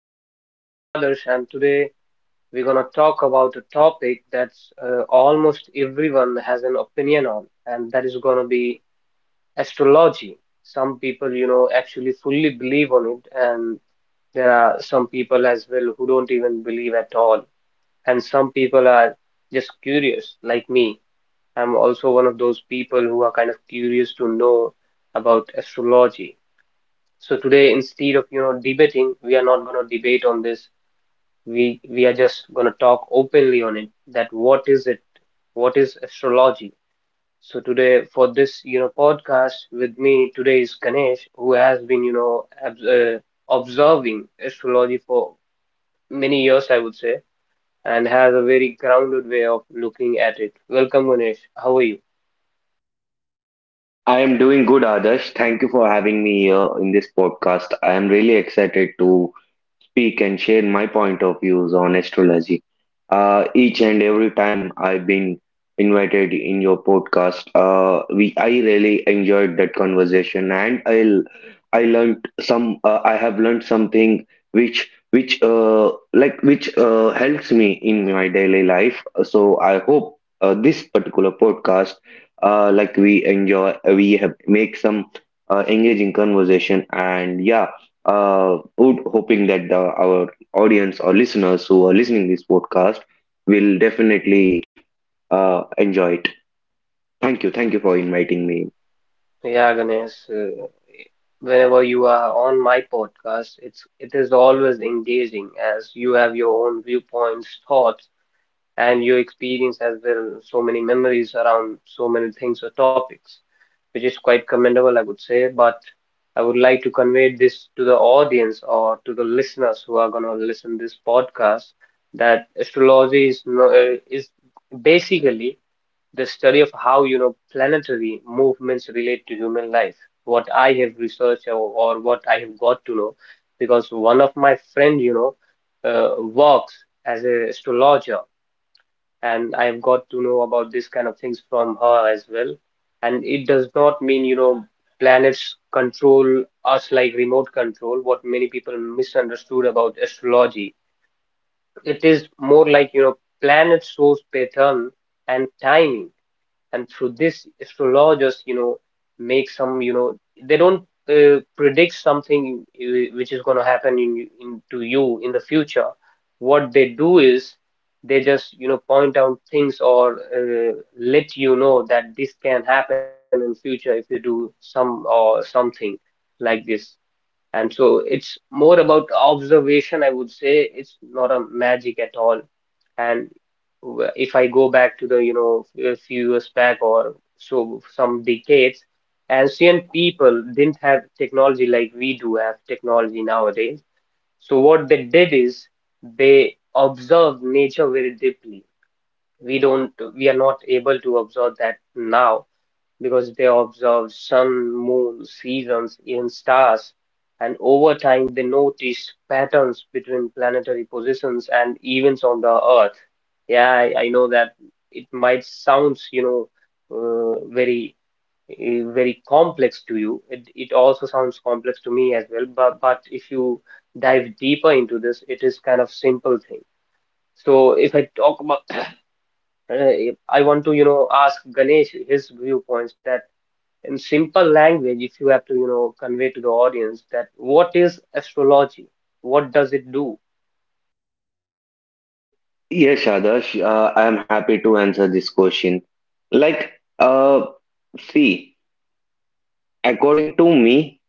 I'm your host Adarsh and today we're going to talk about a topic that's almost everyone has an opinion on and that is going to be astrology. Some people actually fully believe on it and there are some people as well who don't even believe at all and some people are just curious like me. I'm also one of those people who are kind of curious to know about astrology so today, instead of debating, we are not going to debate on this. We are just going to talk openly on it. That what is it? What is astrology? So today, for this podcast with me today is Ganesh, who has been observing astrology for many years, I would say, and has a very grounded way of looking at it. Welcome, Ganesh. How are you? I am doing good, Adarsh. Thank you for having me here in this podcast. I am really excited to speak and share my point of views on astrology. Each and every time I've been invited in your podcast, we I really enjoyed that conversation, and I learned some. I have learned something which helps me in my daily life. So I hope this particular podcast, we enjoy, we have make some engaging conversation, and hoping that our audience or listeners who are listening this podcast will definitely enjoy it. Thank you. Thank you for Yeah, inviting me. yeah, Ganesh. Whenever you are on my podcast, it is always engaging as you have your own viewpoints, thoughts, and your experience as well. So many memories around so many things or topics, which is quite commendable, I would say. But I would like to convey this to the audience or to the listeners who are going to listen this podcast that astrology is no, is basically the study of how planetary movements relate to human life. What I have researched or what I have got to know, because one of my friend works as a astrologer, and I have got to know about this kind of things from her as well. And it does not mean planets control us like remote control, what many people misunderstood about astrology. It is more like planet shows pattern and timing, and through this astrologers, make some, they don't predict something, which is going to happen in to you in the future. What they do is they just point out things or let you know that this can happen in future if you do some or something like this. And so it's more about observation, I would say. It's not a magic at all. And if I go back to the a few years back or so, some decades, ancient people didn't have technology like we do have technology nowadays. So what they did is they observed nature very deeply. We are not able to observe that now, because they observed sun, moon, seasons, even stars, and over time they noticed patterns between planetary positions and events on the Earth. Yeah, I know that it might sounds very very complex to you. It also sounds complex to me as well, but if you dive deeper into this, it is kind of simple thing. So if I talk about uh, I want to ask Ganesh his viewpoints that in simple language, if you have to convey to the audience that what is astrology? What does it do? Yes, Shadash, I am happy to answer this question. Like, uh, see, according to me,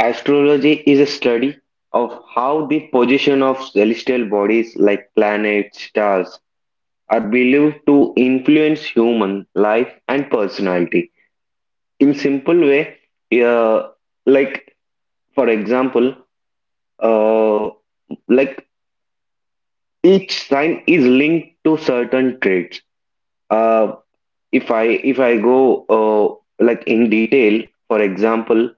astrology is a study of how the position of celestial bodies like planets, stars, are believed to influence human life and personality. In simple way, uh, like for example, uh, like each sign is linked to certain traits. Uh, if I if I go in detail, for example,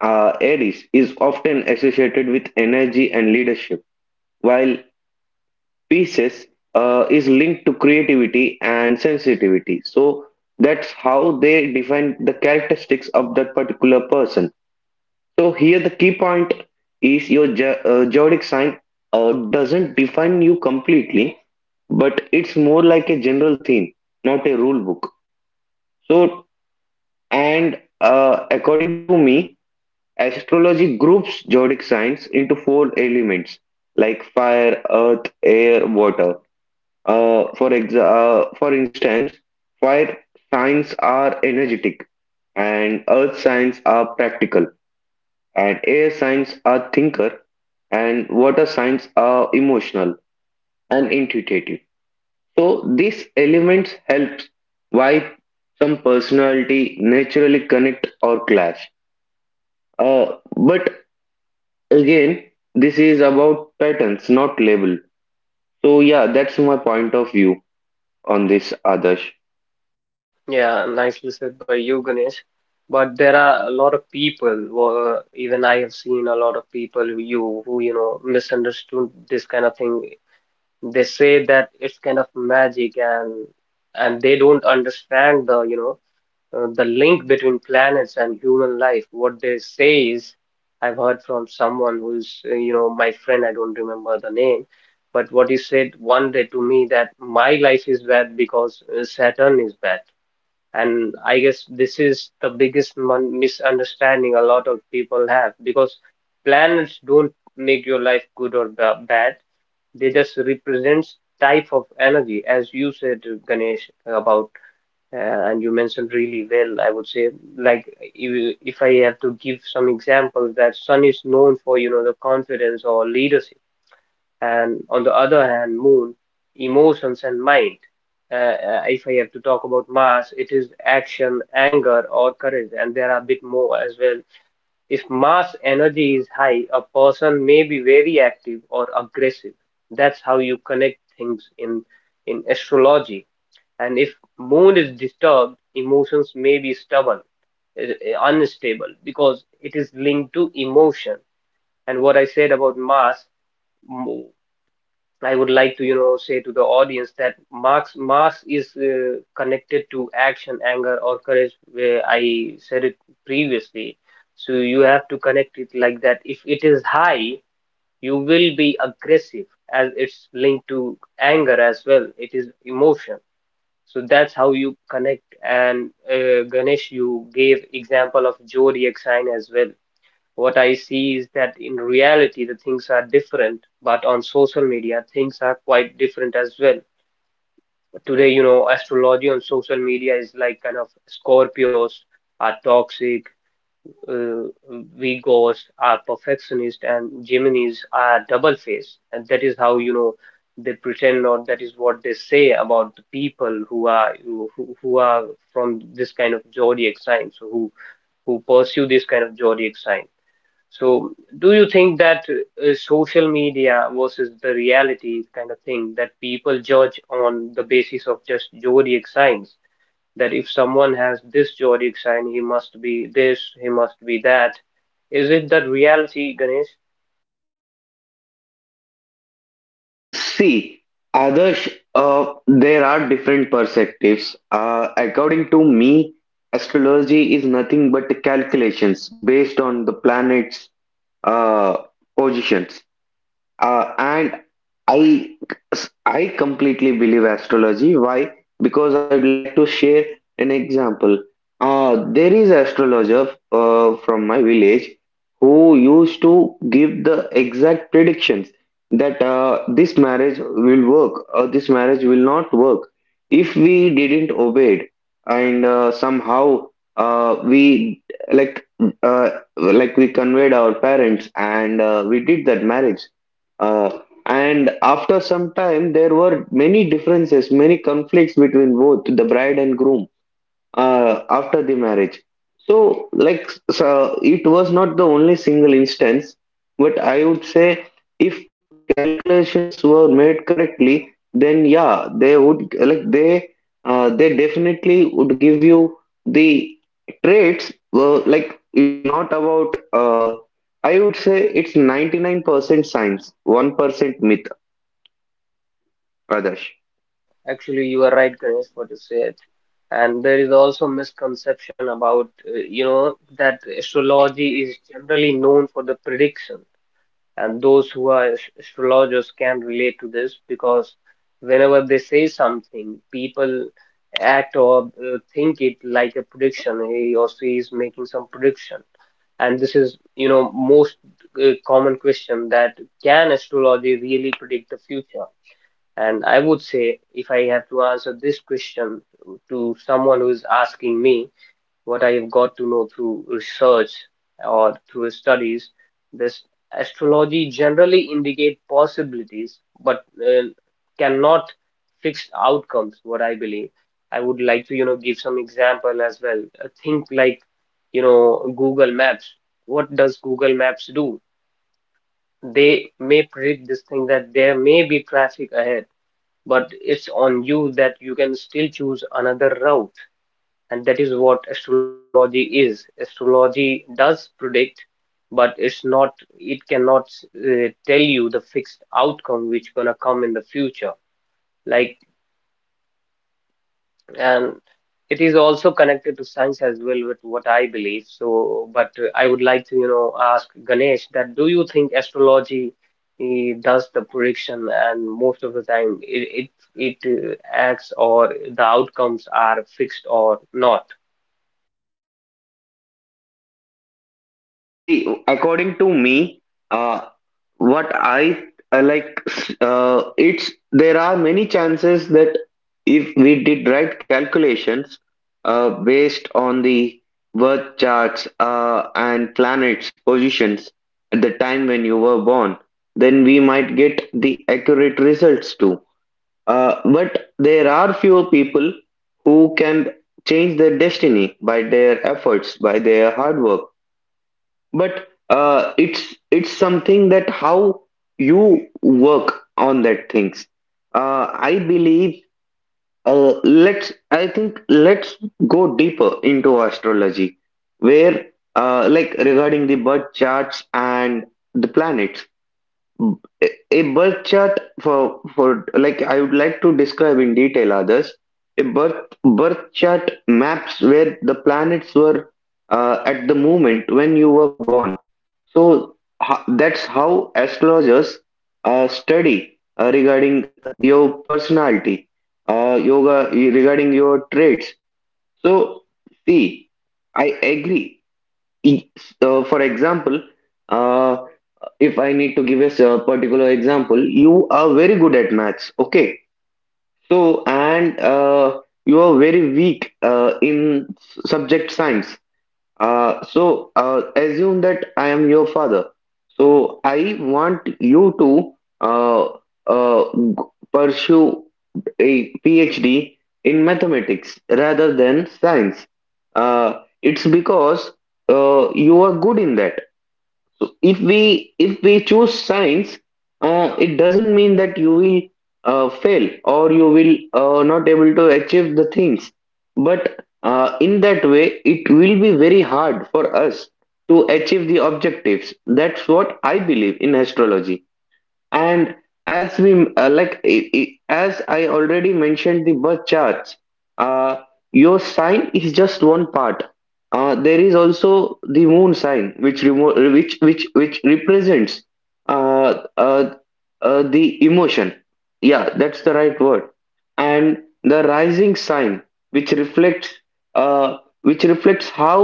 Aries is often associated with energy and leadership, while Pisces is linked to creativity and sensitivity. So that's how they define the characteristics of that particular person. So here the key point is your zodiac sign doesn't define you completely, but it's more like a general theme, not a rule book. So and according to me, astrology groups zodiac signs into four elements like fire, earth, air, water. Uh, for exa- for instance, fire signs are energetic, and earth signs are practical, and air signs are thinker, and water signs are emotional and intuitive. So these elements helps why some personality naturally connect or clash. Uh, but again, this is about patterns, not label. So yeah, that's my point of view on this, others. Yeah, nicely said by you, Ganesh. But there are a lot of people, even I have seen a lot of people who misunderstood this kind of thing. They say that it's kind of magic, and they don't understand the link between planets and human life. What they say is, I've heard from someone who's my friend, I don't remember the name, but what he said one day to me that my life is bad because Saturn is bad. And I guess this is the biggest misunderstanding a lot of people have, because planets don't make your life good or bad. They just represents type of energy, as you said, Ganesh, about and you mentioned really well, I would say, like if I have to give some examples, that Sun is known for the confidence or leadership, and on the other hand, Moon, emotions and mind. If I have to talk about Mars, it is action, anger, or courage, and there are a bit more as well. If Mars energy is high, a person may be very active or aggressive. That's how you connect things in astrology. And if mood is disturbed, emotions may be stubborn, unstable, because it is linked to emotion. And what I said about mass, m- I would like to say to the audience that mass is connected to action, anger, or courage, where I said it previously. So you have to connect it like that. If it is high, you will be aggressive, as it's linked to anger as well, it is emotion. So that's how you connect. And Ganesh, you gave example of zodiac sign as well. What I see is that in reality, the things are different, but on social media, things are quite different as well. Today, astrology on social media is like kind of Scorpios are toxic, uh, Vigors are perfectionist, and Geminis are double faced, and that is how they pretend, or that is what they say about the people who are from this kind of zodiac sign, so who pursue this kind of zodiac sign. So, do you think that social media versus the reality kind of thing, that people judge on the basis of just zodiac signs? That if someone has this zodiac sign, he must be this, he must be that. Is it that reality, Ganesh? See, Adarsh, there are different perspectives. According to me, astrology is nothing but calculations based on the planet's uh, positions. Uh, and I I completely believe astrology. Why? Because I would like to share an example. There is astrologer from my village who used to give the exact predictions that this marriage will work or this marriage will not work if we didn't obey it. And uh, somehow uh, we like uh, like we conveyed our parents, and we did that marriage, uh, and after some time, there were many differences, many conflicts between both the bride and groom after the marriage. So, like, so it was not the only single instance, but I would say, if calculations were made correctly, then yeah, they definitely would give you the traits. It's not about I would say it's 99% science, 1% myth, others. Yeah, actually, you are right, Ganesh, what you said. And there is also misconception about that astrology is generally known for the prediction. And those who are astrologers can relate to this, because whenever they say something, people act or think it like a prediction. He or she is making some prediction, and this is, most common question that can astrology really predict the future? And I would say, if I have to answer this question to someone who is asking me, what I've got to know through research or through studies, this astrology generally indicate possibilities, but cannot fixed outcomes, what I believe. I would like to give some example as well. Think like Google Maps. What does Google Maps do? They may predict this thing that there may be traffic ahead, but it's on you that you can still choose another route. And that is what astrology does predict, but it cannot tell you the fixed outcome which gonna come in the future. Like, and it is also connected to science as well, with what I believe so. But I would like to ask Ganesh that do you think astrology does the prediction, and most of the time it acts, or the outcomes are fixed or not. See, according to me. uh, what I uh, like, it's there are many chances that if we did right calculations based on the birth charts and planets' positions at the time when you were born, then we might get the accurate results too. But there are fewer people who can change their destiny by their efforts, by their hard work, but it's something that how you work on that things. Uh, i believe uh, let's i think let's go deeper into astrology, where regarding the birth charts and the planets. A birth chart for, I would like to describe in detail, others. A birth chart maps where the planets were at the moment when you were born. So that's how astrologers study regarding your personality, yoga regarding your traits. So see, I agree. E- So for example, uh, if I need to give a particular example, you are very good at maths, okay? And you are very weak in subject science, so assume that I am your father. So, I want you to uh, uh, g- pursue a PhD in mathematics rather than science. It's because you are good in that. So if we choose science, it doesn't mean that you will fail or you will not able to achieve the things. But in that way, it will be very hard for us to achieve the objectives. That's what I believe in astrology. And as we like, I as I already mentioned, the birth charts. Uh, your sign is just one part. There is also the moon sign, which remo which represents uh, uh, the emotion. Yeah, that's the right word. And the rising sign, which reflects which reflects how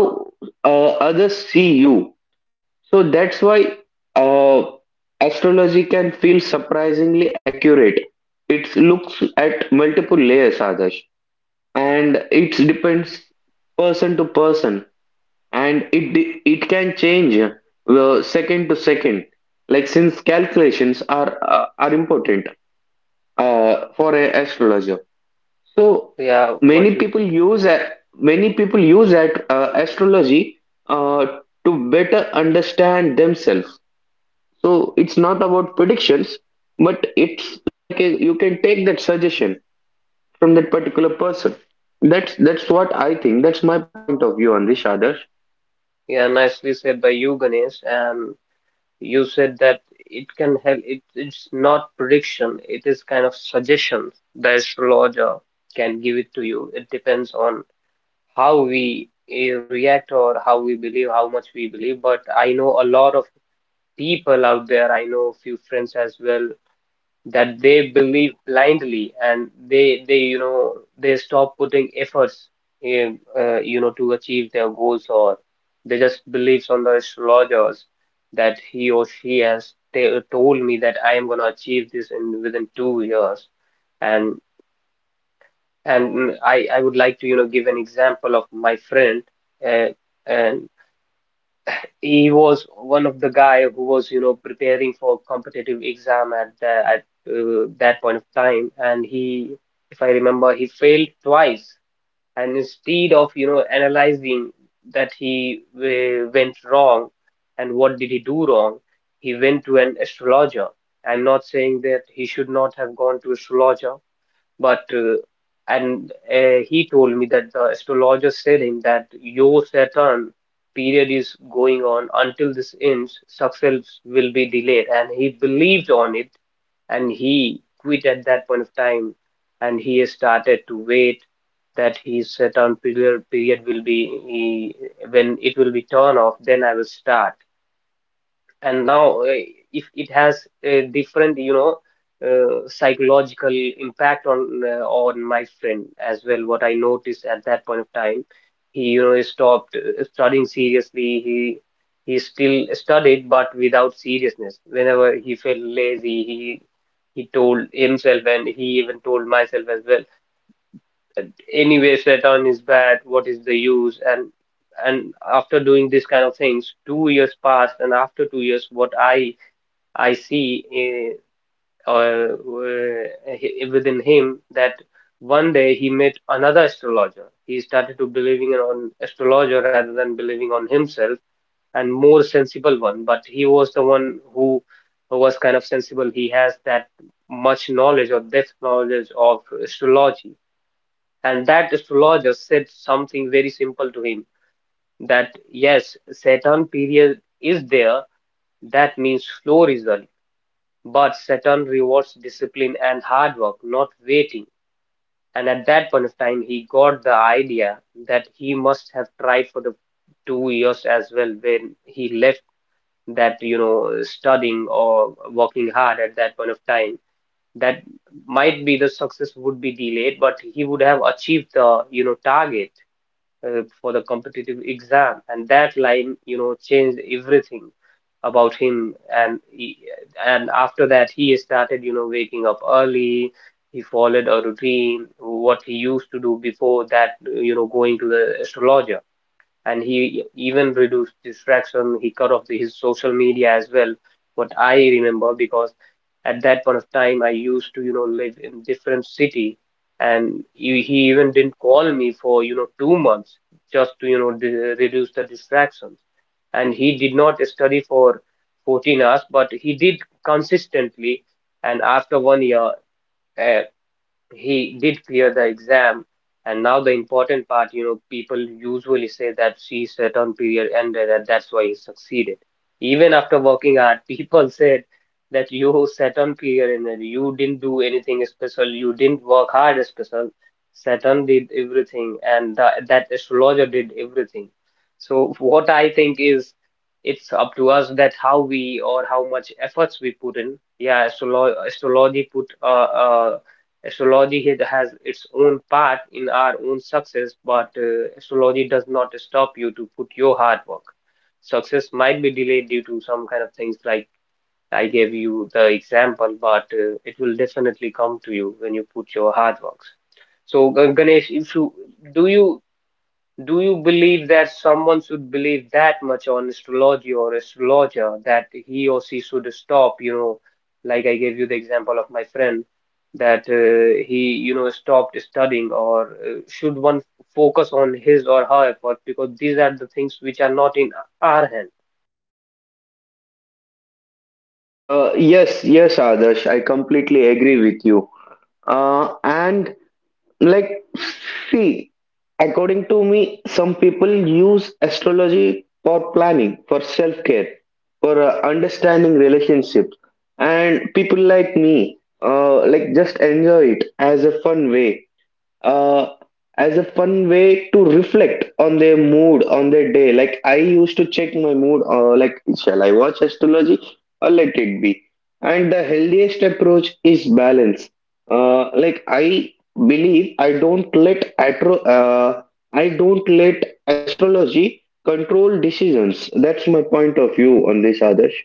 others see you. So that's why uh, astrology can feel surprisingly accurate. It looks at multiple layers, Adarsh, and uh, it you, depends person to person, and it can change second to second. Like since calculations are important for an astrologer, so yeah, what many you people use yeah. a- many people use at astrology uh, to better understand themselves. So it's not about predictions, but it's like a, you can take that suggestion from that particular person. That's what I think. That's my point of view on this, Adarsh. Yeah, nicely said by you, Ganesh. And you said that it can help. It's not prediction. It is kind of suggestions. The astrologer can give it to you. It depends on how we react, or how we believe, how much we believe. But I know a lot of people out there. I know a few friends as well that they believe blindly, and they they stop putting efforts in to achieve their goals, or they just believes on the astrologers that he or she has t told me that I am going to achieve this in within 2 years, and and I would like to give an example of my friend, uh, and he was one of the guy who was preparing for competitive exam at that point of time, and he, if I remember, he failed twice. And instead of analyzing that he went wrong and what did he do wrong, he went to an astrologer. I'm not saying that he should not have gone to astrologer, but and he told me that the astrologer said him that your Saturn period is going on until this ends, success will be delayed, and he believed on it, and he quit at that point of time, and he has started to wait that his Saturn period will be when it will be turned off, then I will start. And now, if it has a different psychological impact on my friend as well, what I noticed at that point of time, he stopped studying seriously. He still studied but without seriousness. Whenever he felt lazy, he told himself, and he even told myself as well, anyway Shaitan is bad, what is the use. And after doing this kind of things, 2 years passed. And after 2 years, what I see, uh, uh, uh, within him, that one day he met another astrologer. He started to believing on astrologer rather than believing on himself, and more sensible one. But he was the one who was kind of sensible. He has that much knowledge or depth knowledge of astrology. And that astrologer said something very simple to him, that yes, Saturn period is there. That means flow result, but Saturn rewards discipline and hard work, not waiting. And at that point of time, he got the idea that he must have tried for the 2 years as well when he left that studying or working hard at that point of time. That might be the success would be delayed, but he would have achieved the target for the competitive exam, and that line changed everything about him, and after that he started waking up early. He followed a routine what he used to do before that, going to the astrologer. And he even reduced distraction, he cut off his social media as well, what I remember, because at that point of time, I used to live in different city, and he even didn't call me for 2 months, just to you know d reduce the distractions. And he did not study for 14 hours, but he did consistently. And after one year, uh, he did clear the exam. And now the important part, people usually say that she's return period ended and that's why he succeeded, even after working hard people said that you Saturn period ended, you didn't do anything special, you didn't work hard special, Saturn did everything, and that astrologer did everything. So what I think is, it's up to us that how we, or how much efforts we put in. Yeah, astrology has its own path in our own success, but astrology does not stop you to put your hard work. Success might be delayed due to some kind of things, like I gave you the example, but it will definitely come to you when you put your hard works. So, Ganesh, if you do you do you believe that someone should believe that much on astrology or astrologer, that he or she should stop, like I gave you the example of my friend, that he stopped studying, or should one focus on his or her effort, because these are the things which are not in our hand? Yes, Adarsh. I completely agree with you. And Like, see, according to me, some people use astrology for planning, for self care, for understanding relationships, and people like me, just enjoy it as a fun way, uh, to reflect on their mood on their day. Like I used to check my mood, shall I watch astrology or let it be? And the healthiest approach is balance. I believe I don't let atro I don't let astrology control decisions. That's my point of view on this, Adarsh.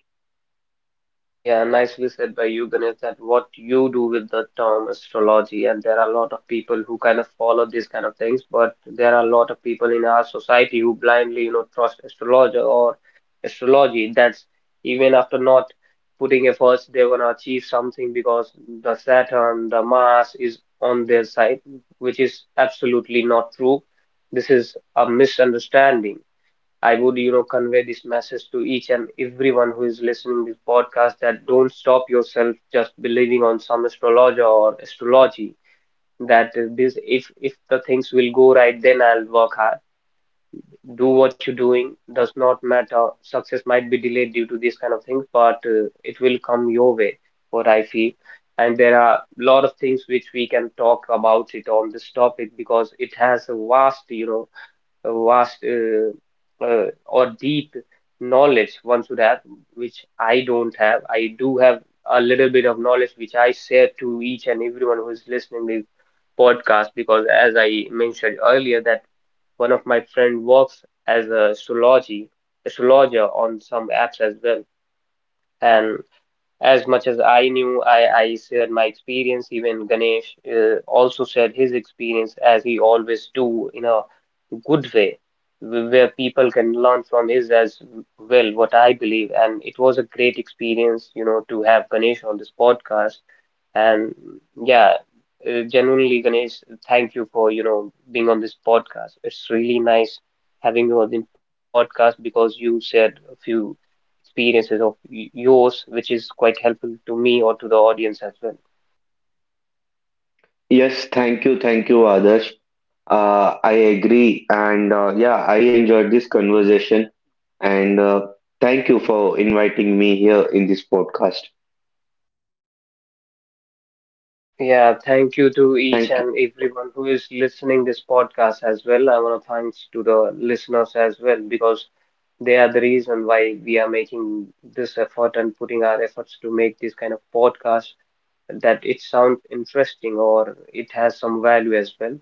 Yeah, nicely said by you, Ganesh, that what you do with the term astrology, and there are a lot of people who kind of follow these kind of things, but there are a lot of people in our society who blindly trust astrologer or astrology. That's, even after not putting efforts, they're gonna achieve something, because the Saturn, the Mars is on their side, which is absolutely not true. This is a misunderstanding. I would convey this message to each and everyone who is listening to this podcast, that don't stop yourself just believing on some astrologer or astrology. That this, if the things will go right, then I'll work hard. Do what you're doing does not matter. Success might be delayed due to these kind of things, but it will come your way, what I feel. And there are a lot of things which we can talk about it on this topic, because it has a vast, or deep knowledge one should have, which I don't have. I do have a little bit of knowledge which I share to each and everyone who is listening this podcast, because, as I mentioned earlier, that one of my friend works as a astrology astrologer on some apps as well, and as much as I knew, I shared my experience. Even Ganesh also shared his experience, as he always do in a good way, where people can learn from his as well, what I believe. And it was a great experience to have Ganesh on this podcast. And yeah, genuinely, Ganesh, thank you for being on this podcast. It's really nice having you on the podcast, because you shared a few experiences of yours, which is quite helpful to me or to the audience as well. Yes, thank you, Adarsh. I agree, and yeah, I enjoyed this conversation, and thank you for inviting me here in this podcast. Yeah, thank you to each Thank and everyone who is listening this podcast as well. I want to thanks to the listeners as well, because they are the reason why we are making this effort and putting our efforts to make this kind of podcast, that it sounds interesting or it has some value as well.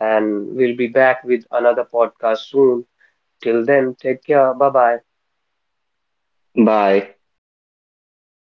And we'll be back with another podcast soon. Till then, take care. Bye bye. you. Bye.